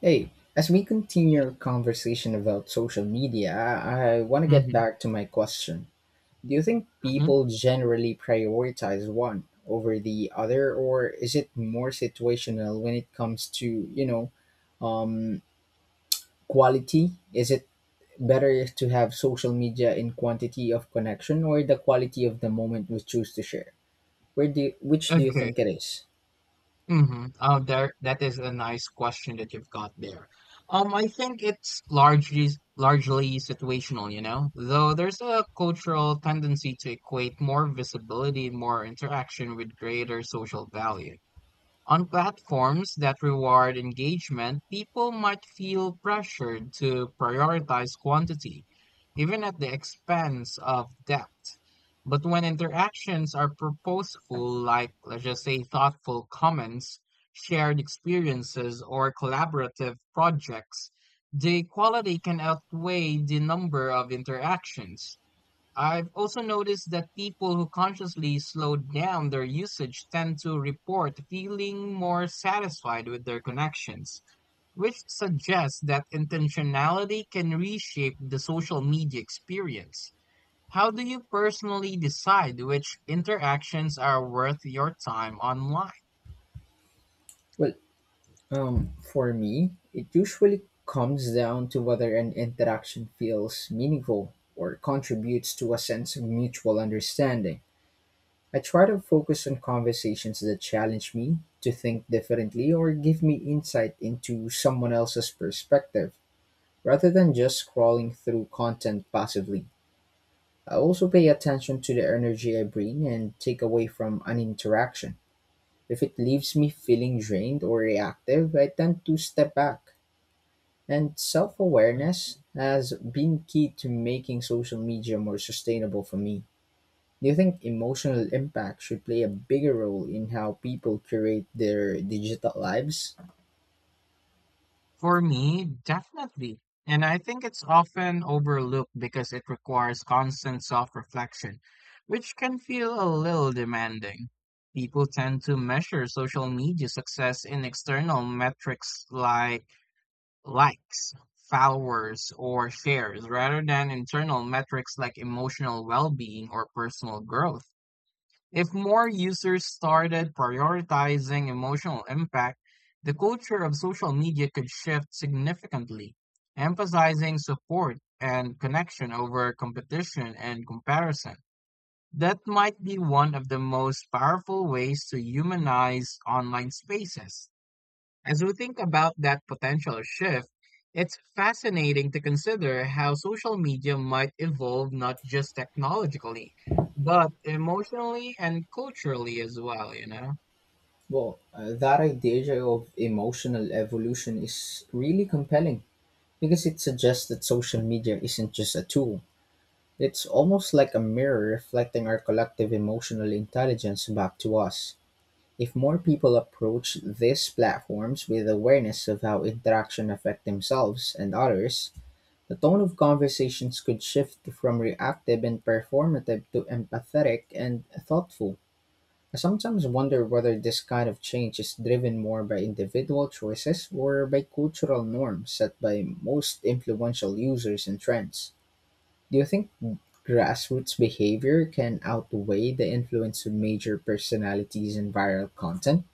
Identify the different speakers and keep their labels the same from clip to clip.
Speaker 1: Hey, as we continue our conversation about social media, I want to get
Speaker 2: Mhm,
Speaker 1: back to my question. Do you think
Speaker 2: mhm.
Speaker 1: people generally prioritize one over the other, or is it more situational when it comes to, um, quality? Is it better to have social media in quantity of connection or the quality of the moment we choose to share? Which do you
Speaker 2: Okay.
Speaker 1: think it is?
Speaker 2: Mhm. Oh, there, that is a nice question that you've got there. I think it's largely situational, you know, though there's a cultural tendency to equate more visibility, more interaction with greater social value. On platforms that reward engagement, people might feel pressured to prioritize quantity, even at the expense of depth. But when interactions are purposeful, like let's just say thoughtful comments, shared experiences, or collaborative projects, the quality can outweigh the number of interactions. I've also noticed that people who consciously slow down their usage tend to report feeling more satisfied with their connections, which suggests that intentionality can reshape the social media experience. How do you personally decide which interactions are worth your time online?
Speaker 1: Well, for me, it usually comes down to whether an interaction feels meaningful or contributes to a sense of mutual understanding. I try to focus on conversations that challenge me to think differently or give me insight into someone else's perspective, rather than just scrolling through content passively. I also pay attention to the energy I bring and take away from an interaction. If it leaves me feeling drained or reactive, I tend to step back. And self awareness has been key to making social media more sustainable for me. Do you think emotional impact should play a bigger role in how people curate their digital lives?
Speaker 2: For me, definitely. And I think it's often overlooked because it requires constant self-reflection, which can feel a little demanding. People tend to measure social media success in external metrics like likes, followers, or shares, rather than internal metrics like emotional well-being or personal growth. If more users started prioritizing emotional impact, the culture of social media could shift significantly, emphasizing support and connection over competition and comparison. That might be one of the most powerful ways to humanize online spaces. As we think about that potential shift, it's fascinating to consider how social media might evolve not just technologically, but emotionally and culturally as well, you know?
Speaker 1: Well, that idea of emotional evolution is really compelling because it suggests that social media isn't just a tool. It's almost like a mirror reflecting our collective emotional intelligence back to us. If more people approach these platforms with awareness of how interaction affect themselves and others, the tone of conversations could shift from reactive and performative to empathetic and thoughtful. I sometimes wonder whether this kind of change is driven more by individual choices or by cultural norms set by most influential users and trends. Do you think grassroots behavior can outweigh the influence of major personalities and viral content?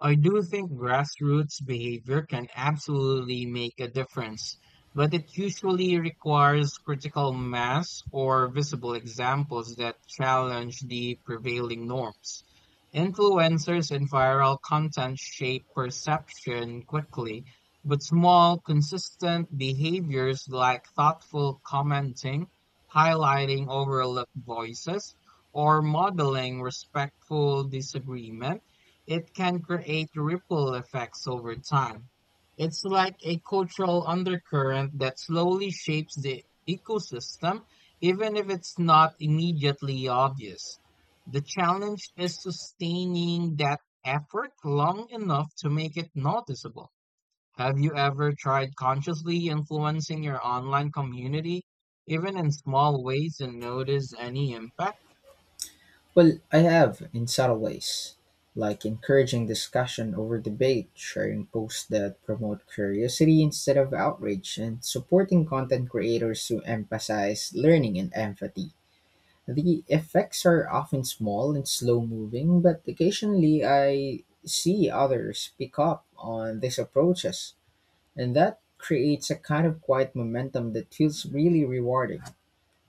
Speaker 2: I do think grassroots behavior can absolutely make a difference, but it usually requires critical mass or visible examples that challenge the prevailing norms. Influencers and viral content shape perception quickly, but small, consistent behaviors like thoughtful commenting, highlighting overlooked voices, or modeling respectful disagreement it can create ripple effects over time. It's like a cultural undercurrent that slowly shapes the ecosystem, even if it's not immediately obvious. The challenge is sustaining that effort long enough to make it noticeable. Have you ever tried consciously influencing your online community, even in small ways, and noticed any impact?
Speaker 1: Well, I have in subtle ways, like encouraging discussion over debate, sharing posts that promote curiosity instead of outrage, and supporting content creators who emphasize learning and empathy. The effects are often small and slow moving, but occasionally I see others pick up on these approaches, and that creates a kind of quiet momentum that feels really rewarding.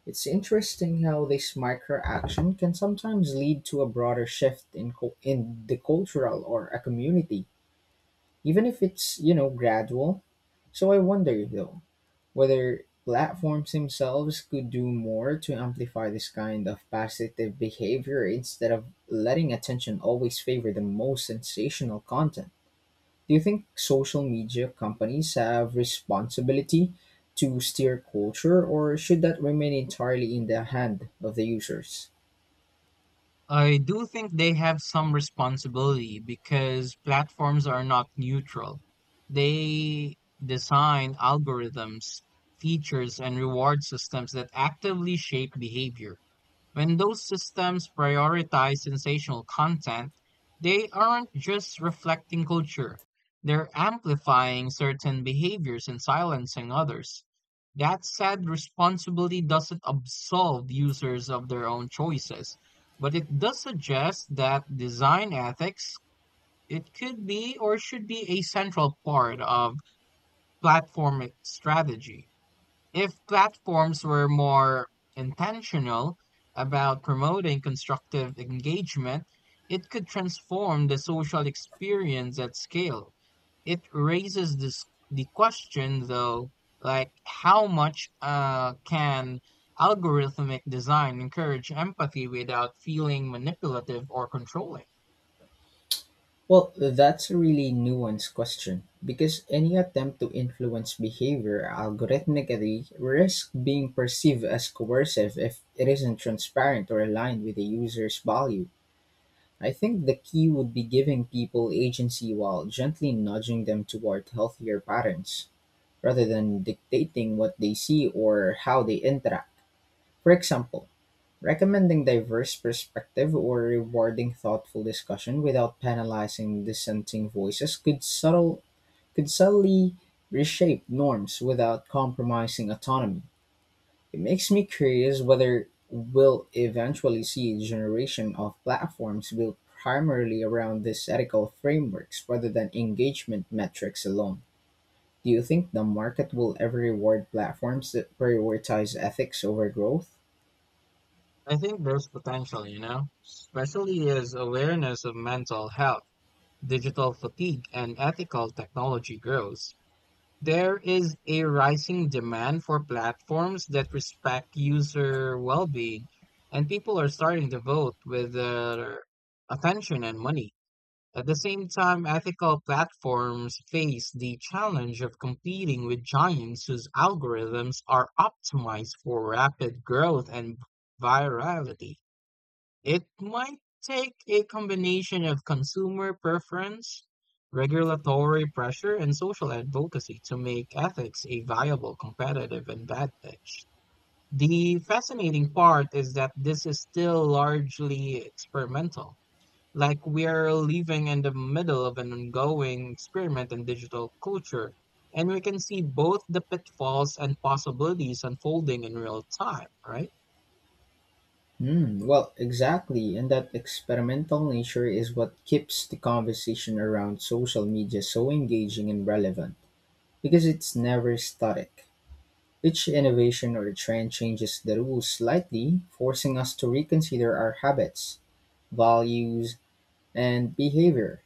Speaker 1: It's interesting how this micro-action can sometimes lead to a broader shift in the cultural or a community, even if it's gradual. So I wonder though whether platforms themselves could do more to amplify this kind of positive behavior instead of letting attention always favor the most sensational content. Do you think social media companies have responsibility to steer culture or should that remain entirely in the hand of the users?
Speaker 2: I do think they have some responsibility because platforms are not neutral. They design algorithms, features, and reward systems that actively shape behavior. When those systems prioritize sensational content, they aren't just reflecting culture, they're amplifying certain behaviors and silencing others. That said, responsibility doesn't absolve users of their own choices, but it does suggest that design ethics it could be or should be a central part of platform strategy. If platforms were more intentional about promoting constructive engagement, it could transform the social experience at scale. It raises this, the question, though, like how much can algorithmic design encourage empathy without feeling manipulative or controlling?
Speaker 1: Well, that's a really nuanced question because any attempt to influence behavior algorithmically risks being perceived as coercive if it isn't transparent or aligned with the user's value. I think the key would be giving people agency while gently nudging them toward healthier patterns, rather than dictating what they see or how they interact. For example, recommending diverse perspective or rewarding thoughtful discussion without penalizing dissenting voices could subtly reshape norms without compromising autonomy. It makes me curious whether we'll eventually see a generation of platforms built primarily around these ethical frameworks rather than engagement metrics alone. Do you think the market will ever reward platforms that prioritize ethics over growth?
Speaker 2: I think there's potential, you know, especially as awareness of mental health digital fatigue and ethical technology grows, there is a rising demand for platforms that respect user well being, and people are starting to vote with their attention and money. At the same time, ethical platforms face the challenge of competing with giants whose algorithms are optimized for rapid growth and virality. It might take a combination of consumer preference, regulatory pressure, and social advocacy to make ethics a viable competitive advantage. The fascinating part is that this is still largely experimental. Like we're living in the middle of an ongoing experiment in digital culture, and we can see both the pitfalls and possibilities unfolding in real time, right?
Speaker 1: Well, exactly, and that experimental nature is what keeps the conversation around social media so engaging and relevant, because it's never static. Each innovation or trend changes the rules slightly, forcing us to reconsider our habits, values, and behavior.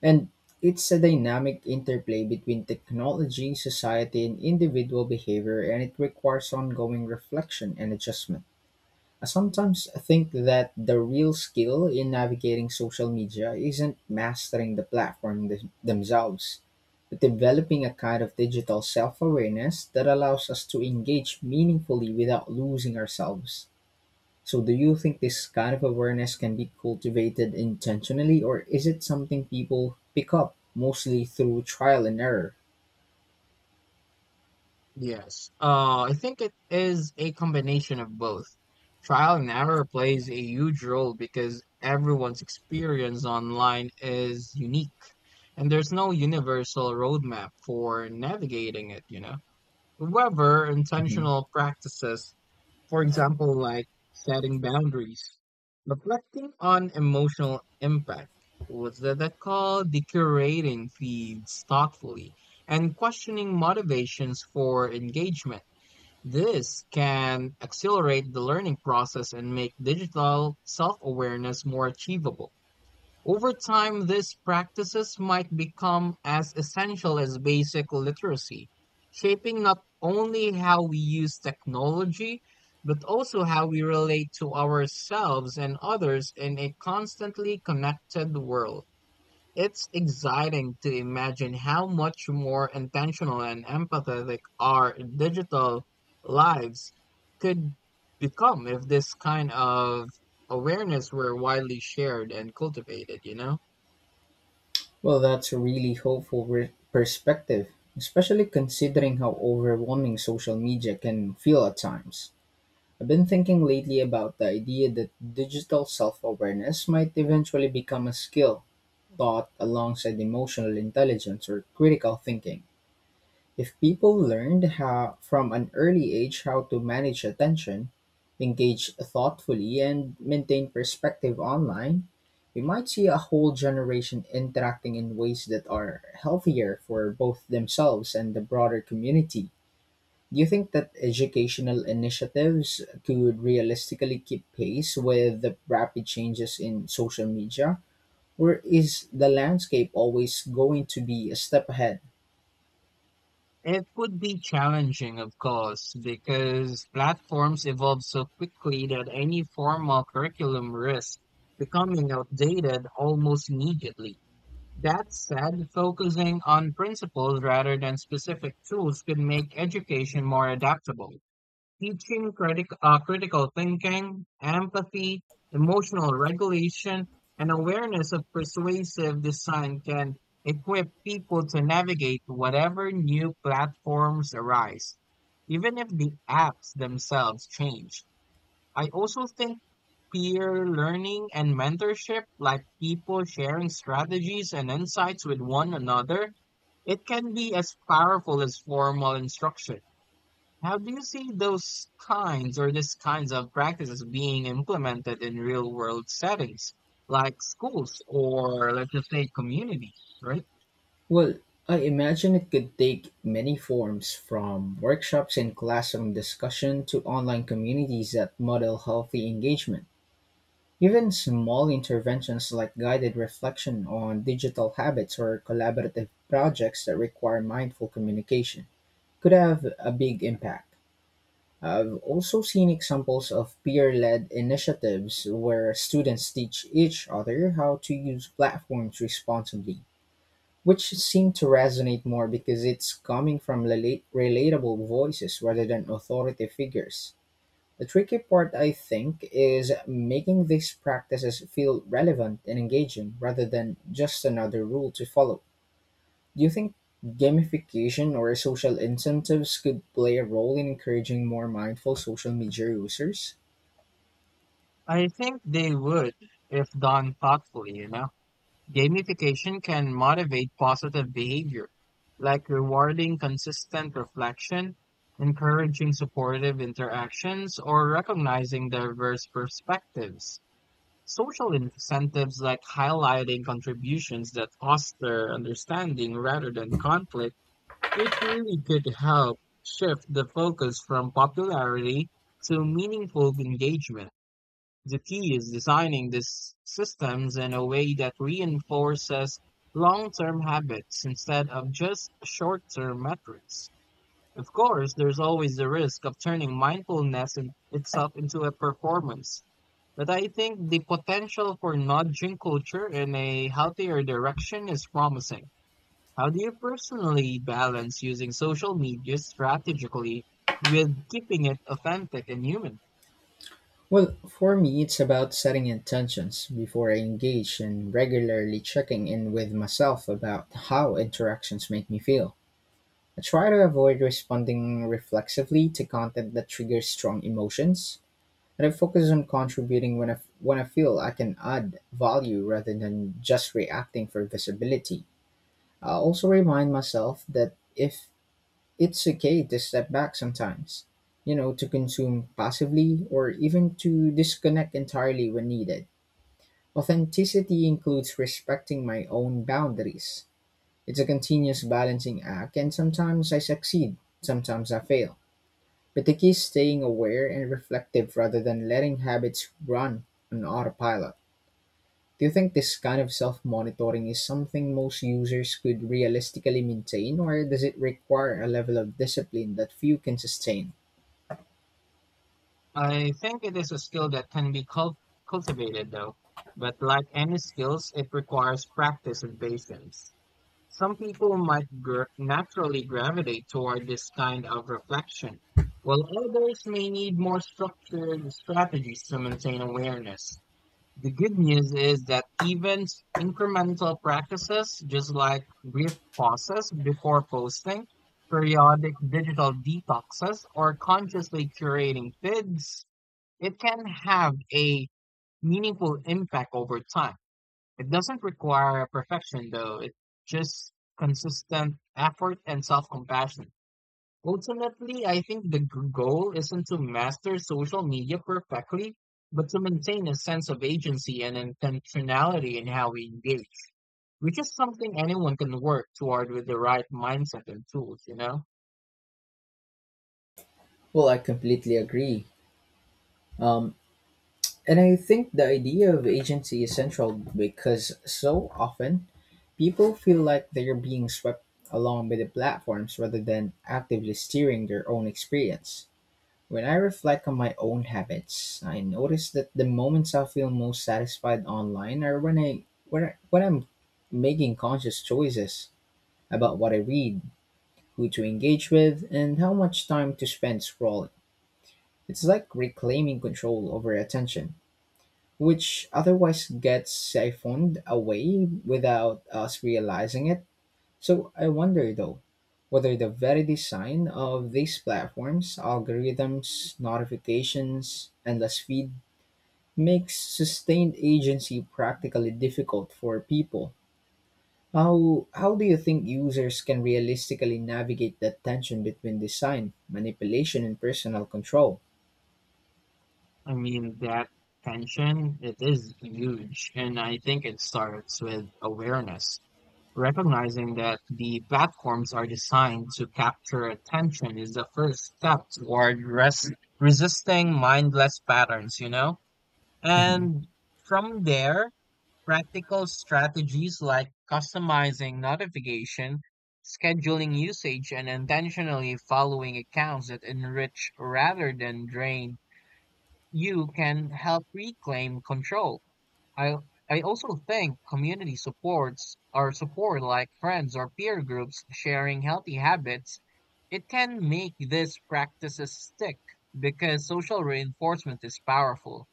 Speaker 1: And it's a dynamic interplay between technology, society, and individual behavior, and it requires ongoing reflection and adjustment. I sometimes think that the real skill in navigating social media isn't mastering themselves, but developing a kind of digital self awareness that allows us to engage meaningfully without losing ourselves. So do you think this kind of awareness can be cultivated intentionally or is it something people pick up mostly through trial and error?
Speaker 2: Yes. I think it is a combination of both. Trial and error plays a huge role because everyone's experience online is unique, and there's no universal roadmap for navigating it, you know. However,
Speaker 1: Mhm.
Speaker 2: intentional practices for example, like setting boundaries, reflecting on emotional impact. What's that, that called? Decorating feeds thoughtfully and questioning motivations for engagement. This can accelerate the learning process and make digital self awareness more achievable. Over time, these practices might become as essential as basic literacy, shaping not only how we use technology, but also how we relate to ourselves and others in a constantly connected world. It's exciting to imagine how much more intentional and empathetic our digital lives could become if this kind of awareness were widely shared and cultivated, you know?
Speaker 1: Well, that's a really hopeful perspective, especially considering how overwhelming social media can feel at times. I've been thinking lately about the idea that digital self awareness might eventually become a skill taught alongside emotional intelligence or critical thinking. If people learned how from an early age how to manage attention, engage thoughtfully, and maintain perspective online, we might see a whole generation interacting in ways that are healthier for both themselves and the broader community. Do you think that educational initiatives could realistically keep pace with the rapid changes in social media? Or is the landscape always going to be a step ahead?
Speaker 2: It would be challenging, of course, because platforms evolve so quickly that any formal curriculum risks becoming outdated almost immediately. That said, focusing on principles rather than specific tools could make education more adaptable teaching critical thinking, empathy, emotional regulation, and awareness of persuasive design can equip people to navigate whatever new platforms arise, even if the apps themselves change. I also think peer learning and mentorship, like people sharing strategies and insights with one another, it can be as powerful as formal instruction. How do you see those kinds or these kinds of practices being implemented in real world settings, like schools or let's just say communities, right?
Speaker 1: Well, I imagine it could take many forms, from workshops and classroom discussion to online communities that model healthy engagement. Even small interventions like guided reflection on digital habits or collaborative projects that require mindful communication could have a big impact. I've also seen examples of peer led initiatives where students teach each other how to use platforms responsibly which seem to resonate more because it's coming from relatable voices rather than authority figures. The tricky part, I think, is making these practices feel relevant and engaging rather than just another rule to follow. Do you think gamification or social incentives could play a role in encouraging more mindful social media users?
Speaker 2: I think they would if done thoughtfully, you know. Gamification can motivate positive behavior, like rewarding consistent reflection, encouraging supportive interactions, or recognizing diverse perspectives. Social incentives like highlighting contributions that foster understanding rather than conflict, it really could help shift the focus from popularity to meaningful engagement. The key is designing these systems in a way that reinforces long term habits instead of just short term metrics. Of course, there's always the risk of turning mindfulness in itself into a performance. But I think the potential for nudging culture in a healthier direction is promising. How do you personally balance using social media strategically with keeping it authentic and human?
Speaker 1: Well, for me, it's about setting intentions before I engage and regularly checking in with myself about how interactions make me feel. I try to avoid responding reflexively to content that triggers strong emotions, and I focus on contributing when I feel I can add value rather than just reacting for visibility. I also remind myself that if it's okay to step back sometimes to consume passively or even to disconnect entirely when needed. Authenticity includes respecting my own boundaries. It's a continuous balancing act, and sometimes I succeed, sometimes I fail. But the key is staying aware and reflective rather than letting habits run on autopilot. Do you think this kind of self monitoring is something most users could realistically maintain, or does it require a level of discipline that few can sustain?
Speaker 2: I think it is a skill that can be cultivated, though. But like any skills, it requires practice and patience. Some people might naturally gravitate toward this kind of reflection, while others may need more structured strategies to maintain awareness. The good news is that even incremental practices, just like brief pauses before posting, periodic digital detoxes, or consciously curating feeds, it can have a meaningful impact over time. It doesn't require perfection, though. It's just consistent effort and self-compassion. Ultimately, I think the goal isn't to master social media perfectly, but to maintain a sense of agency and intentionality in how we engage, which is something anyone can work toward with the right mindset and tools, you know?
Speaker 1: Well, I completely agree. Um, and I think the idea of agency is central because so often people feel like they're being swept along by the platforms rather than actively steering their own experience. When I reflect on my own habits, I notice that the moments I feel most satisfied online are when I'm making conscious choices about what I read, who to engage with, and how much time to spend scrolling. It's like reclaiming control over attention, which otherwise gets siphoned away without us realizing it. So I wonder though, whether the very design of these platforms, algorithms, notifications, endless feed, makes sustained agency practically difficult for people. How do you think users can realistically navigate the tension between design, manipulation, and personal control?
Speaker 2: I mean, that tension, it is huge. And I think it starts with awareness. Recognizing that the platforms are designed to capture attention is the first step toward resisting mindless patterns, you know? And from there, practical strategies like customizing notification, scheduling usage, and intentionally following accounts that enrich rather than drain you can help reclaim control. I I also think community supports or support like friends or peer groups sharing healthy habits, it can make these practices stick because social reinforcement is powerful.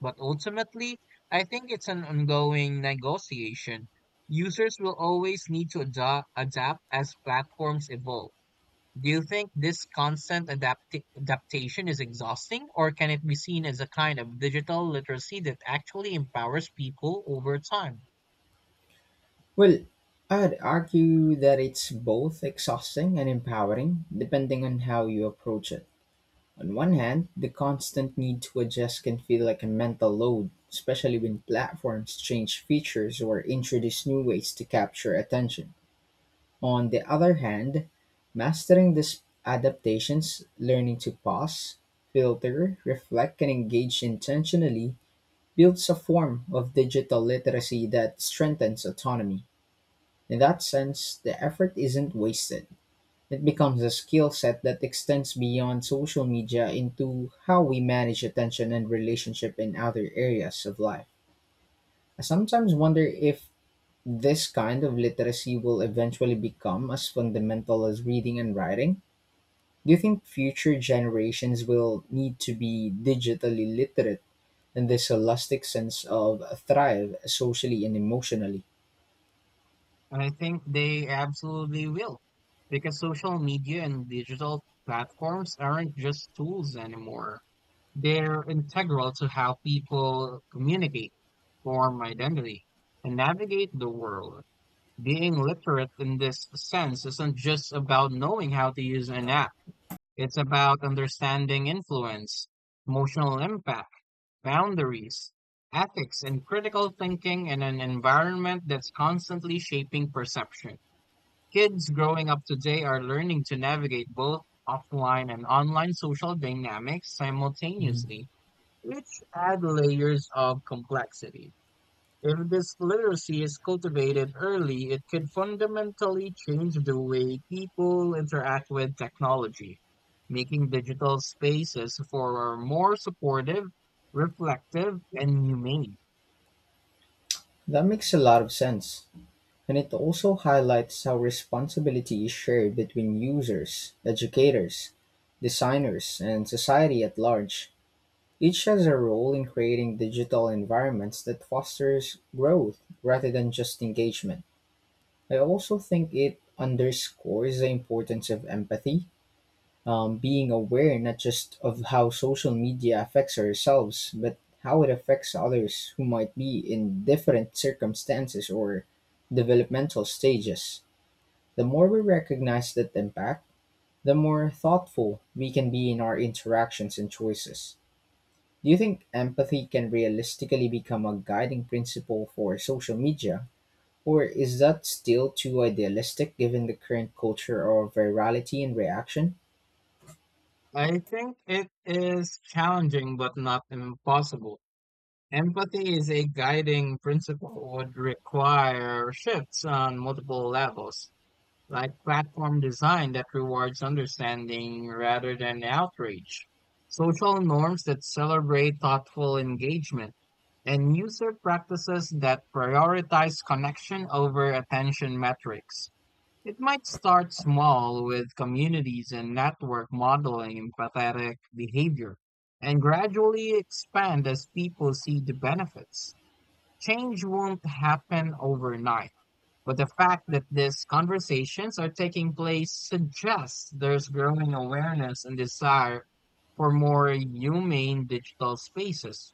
Speaker 2: But ultimately, I think it's an ongoing negotiation. Users will always need to adapt as platforms evolve. Do you think this constant adaptation is exhausting, or can it be seen as a kind of digital literacy that actually empowers people over time?
Speaker 1: Well, I'd argue that it's both exhausting and empowering, depending on how you approach it. On one hand, the constant need to adjust can feel like a mental load, especially when platforms change features or introduce new ways to capture attention. On the other hand, mastering these adaptations, learning to pause, filter, reflect, and engage intentionally builds a form of digital literacy that strengthens autonomy. In that sense, the effort isn't wasted. It becomes a skill set that extends beyond social media into how we manage attention and relationship in other areas of life. I sometimes wonder if this kind of literacy will eventually become as fundamental as reading and writing. Do you think future generations will need to be digitally literate in this holistic sense of thrive socially and emotionally?
Speaker 2: And I think they absolutely will, because social media and digital platforms aren't just tools anymore. They're integral to how people communicate, form identity, and navigate the world. Being literate in this sense isn't just about knowing how to use an app. It's about understanding influence, emotional impact, boundaries, ethics, and critical thinking in an environment that's constantly shaping perception. Kids growing up today are learning to navigate both offline and online social dynamics
Speaker 1: Mhm.
Speaker 2: simultaneously, which add layers of complexity. If this literacy is cultivated early, it could fundamentally change the way people interact with technology, making digital spaces for more supportive, reflective, and humane.
Speaker 1: That makes a lot of sense. And it also highlights how responsibility is shared between users, educators, designers, and society at large. Each has a role in creating digital environments that fosters growth rather than just engagement. I also think it underscores the importance of empathy, being aware not just of how social media affects ourselves, but how it affects others who might be in different circumstances or developmental stages. The more we recognize that impact, the more thoughtful we can be in our interactions and choices. Do you think empathy can realistically become a guiding principle for social media? Or is that still too idealistic given the current culture of virality and reaction?
Speaker 2: I think it is challenging but not impossible. Empathy is a guiding principle would require shifts on multiple levels, like platform design that rewards understanding rather than outrage, social norms that celebrate thoughtful engagement, and user practices that prioritize connection over attention metrics. It might start small with communities and network modeling empathetic behavior and gradually expand as people see the benefits. Change won't happen overnight, but the fact that these conversations are taking place suggests there's growing awareness and desire for more humane digital spaces.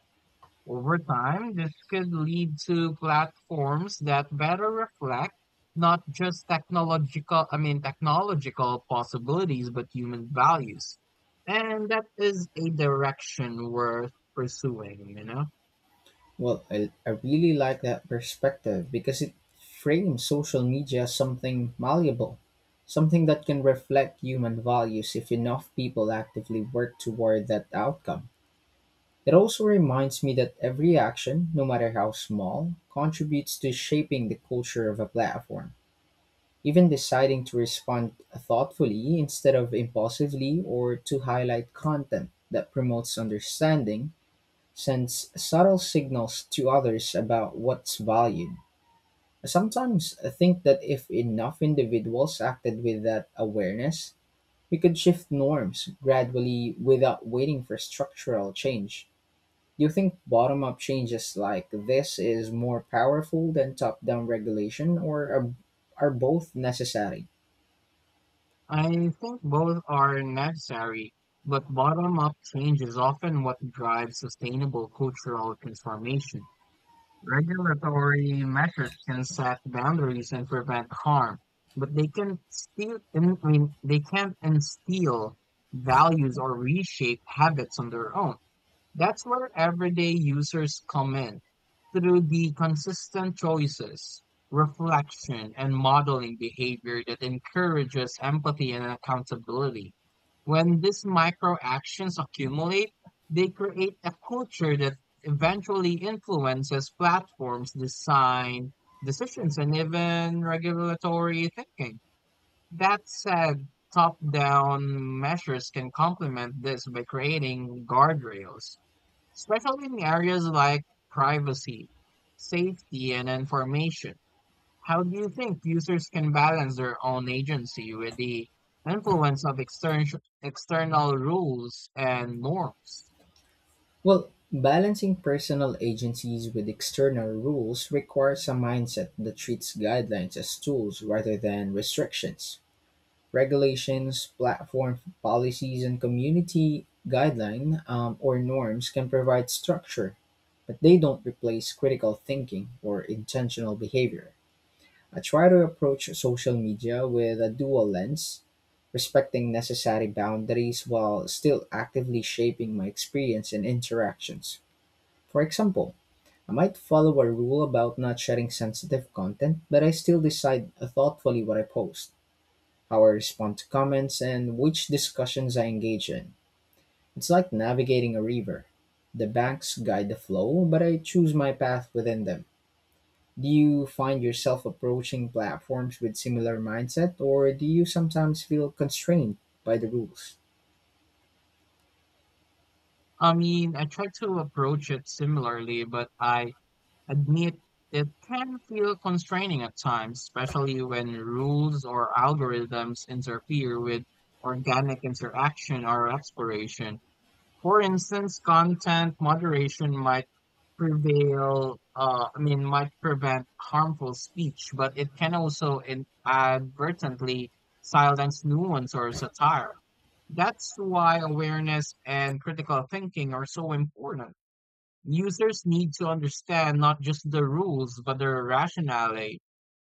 Speaker 2: Over time, this could lead to platforms that better reflect not just technological possibilities, but human values. And that is a direction worth pursuing, you know?
Speaker 1: Well, I really like that perspective because it frames social media as something malleable, something that can reflect human values if enough people actively work toward that outcome. It also reminds me that every action, no matter how small, contributes to shaping the culture of a platform. Even deciding to respond thoughtfully instead of impulsively or to highlight content that promotes understanding sends subtle signals to others about what's valued. I sometimes think that if enough individuals acted with that awareness, we could shift norms gradually without waiting for structural change. Do you think bottom up changes like this is more powerful than top down regulation are both necessary?
Speaker 2: I think both are necessary, but bottom up change is often what drives sustainable cultural transformation. Regulatory measures can set boundaries and prevent harm, but they can still, they can instill values or reshape habits on their own. That's where everyday users come in, through the consistent choices, reflection, and modeling behavior that encourages empathy and accountability. When these micro actions accumulate, they create a culture that eventually influences platforms' design, decisions, and even regulatory thinking. That said, top down measures can complement this by creating guardrails especially in areas like privacy, safety, and information. How do you think users can balance their own agency with the influence of external rules and norms?
Speaker 1: Well, balancing personal agencies with external rules requires a mindset that treats guidelines as tools rather than restrictions. Regulations, platform policies, and community guideline or norms can provide structure, but they don't replace critical thinking or intentional behavior. I try to approach social media with a dual lens, respecting necessary boundaries while still actively shaping my experience and interactions. For example, I might follow a rule about not sharing sensitive content, but I still decide thoughtfully what I post, how I respond to comments, and which discussions I engage in. It's like navigating a river. The banks guide the flow, but I choose my path within them. Do you find yourself approaching platforms with similar mindset or do you sometimes feel constrained by the rules?
Speaker 2: I mean, I try to approach it similarly, but I admit it can feel constraining at times, especially when rules or algorithms interfere with organic interaction or exploration. For instance, content moderation might might prevent harmful speech, but it can also in advertently silence nuance or satire. That's why awareness and critical thinking are so important. Users need to understand not just the rules, but their rationale,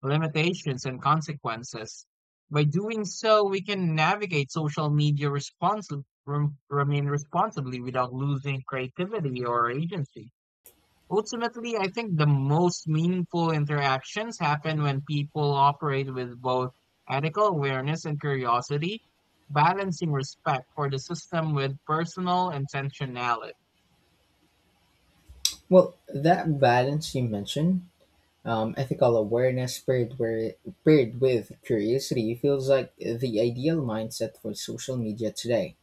Speaker 2: limitations, and consequences. By doing so, we can navigate social media responsibly, remain responsibly without losing creativity or agency. Ultimately, I think the most meaningful interactions happen when people operate with both ethical awareness and curiosity, balancing respect for the system with personal intentionality.
Speaker 1: Well, that balance you mentioned, ethical awareness paired, where, paired with curiosity, feels like the ideal mindset for social media today.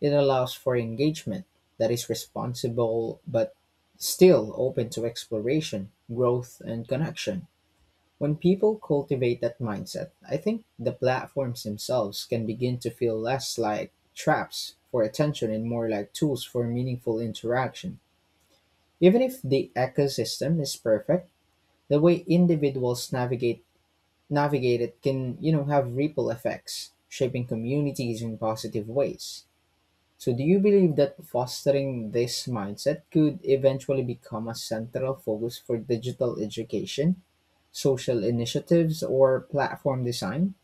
Speaker 1: It allows for engagement that is responsible but still open to exploration, growth, and connection. When people cultivate that mindset, I think the platforms themselves can begin to feel less like traps for attention and more like tools for meaningful interaction. Even if the ecosystem is perfect, the way individuals navigate it can, you know, have ripple effects, shaping communities in positive ways. So do you believe that fostering this mindset could eventually become a central focus for digital education, social initiatives or platform design?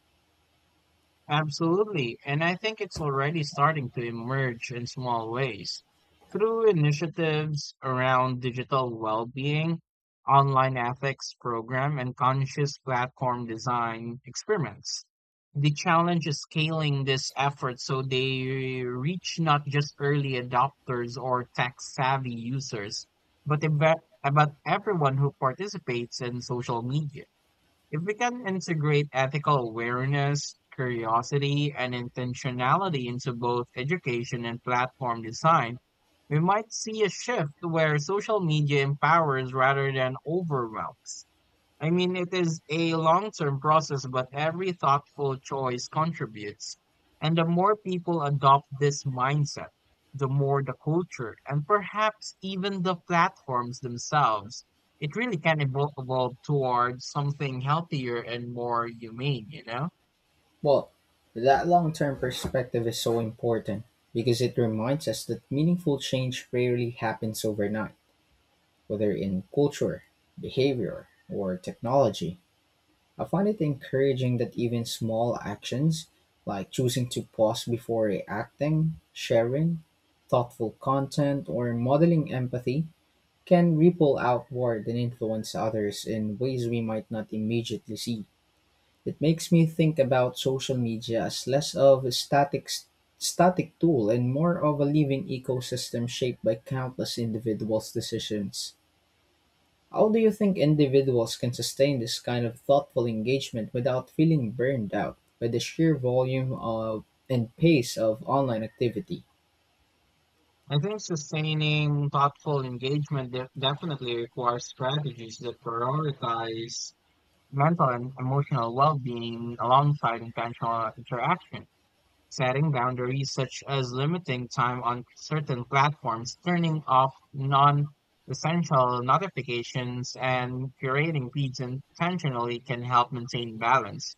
Speaker 2: Absolutely, and I think it's already starting to emerge in small ways. Through initiatives around digital well-being, online ethics program, and conscious platform design experiments. The challenge is scaling this effort so they reach not just early adopters or tech-savvy users, but, but everyone who participates in social media. If we can integrate ethical awareness, curiosity, and intentionality into both education and platform design, we might see a shift where social media empowers rather than overwhelms. I mean, it is a long-term process, but every thoughtful choice contributes. And the more people adopt this mindset, the more the culture and perhaps even the platforms themselves, it really can evolve towards something healthier and more humane, you know?
Speaker 1: Well, that long term perspective is so important because it reminds us that meaningful change rarely happens overnight, whether in culture, behavior, or technology. I find it encouraging that even small actions like choosing to pause before reacting, sharing, thoughtful content, or modeling empathy can ripple outward and influence others in ways we might not immediately see. It makes me think about social media as less of a static tool and more of a living ecosystem shaped by countless individuals' decisions. How do you think individuals can sustain this kind of thoughtful engagement without feeling burned out by the sheer volume of and pace of online activity?
Speaker 2: I think sustaining thoughtful engagement definitely requires strategies that prioritize mental and emotional well-being alongside intentional interaction. Setting boundaries such as limiting time on certain platforms, turning off non essential notifications, and curating feeds intentionally can help maintain balance.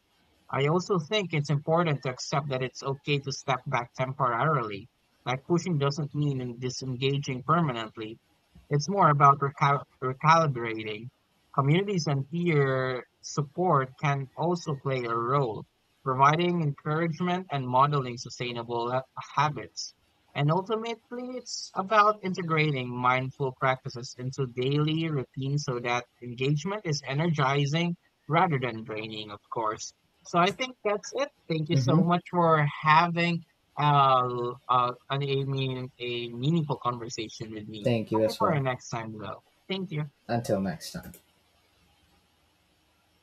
Speaker 2: I also think it's important to accept that it's okay to step back temporarily. Like pushing doesn't mean in disengaging permanently. It's more about recalibrating. Communities and peer support can also play a role providing encouragement and modeling sustainable habits. And ultimately, it's about integrating mindful practices into daily routines so that engagement is energizing rather than draining, of course. So I think that's it. Thank you so
Speaker 1: Hmm.
Speaker 2: much for having a meaningful conversation with me.
Speaker 1: Thank you
Speaker 2: Hoping
Speaker 1: as
Speaker 2: for our
Speaker 1: well.
Speaker 2: next time, though. Thank you.
Speaker 1: Until next time.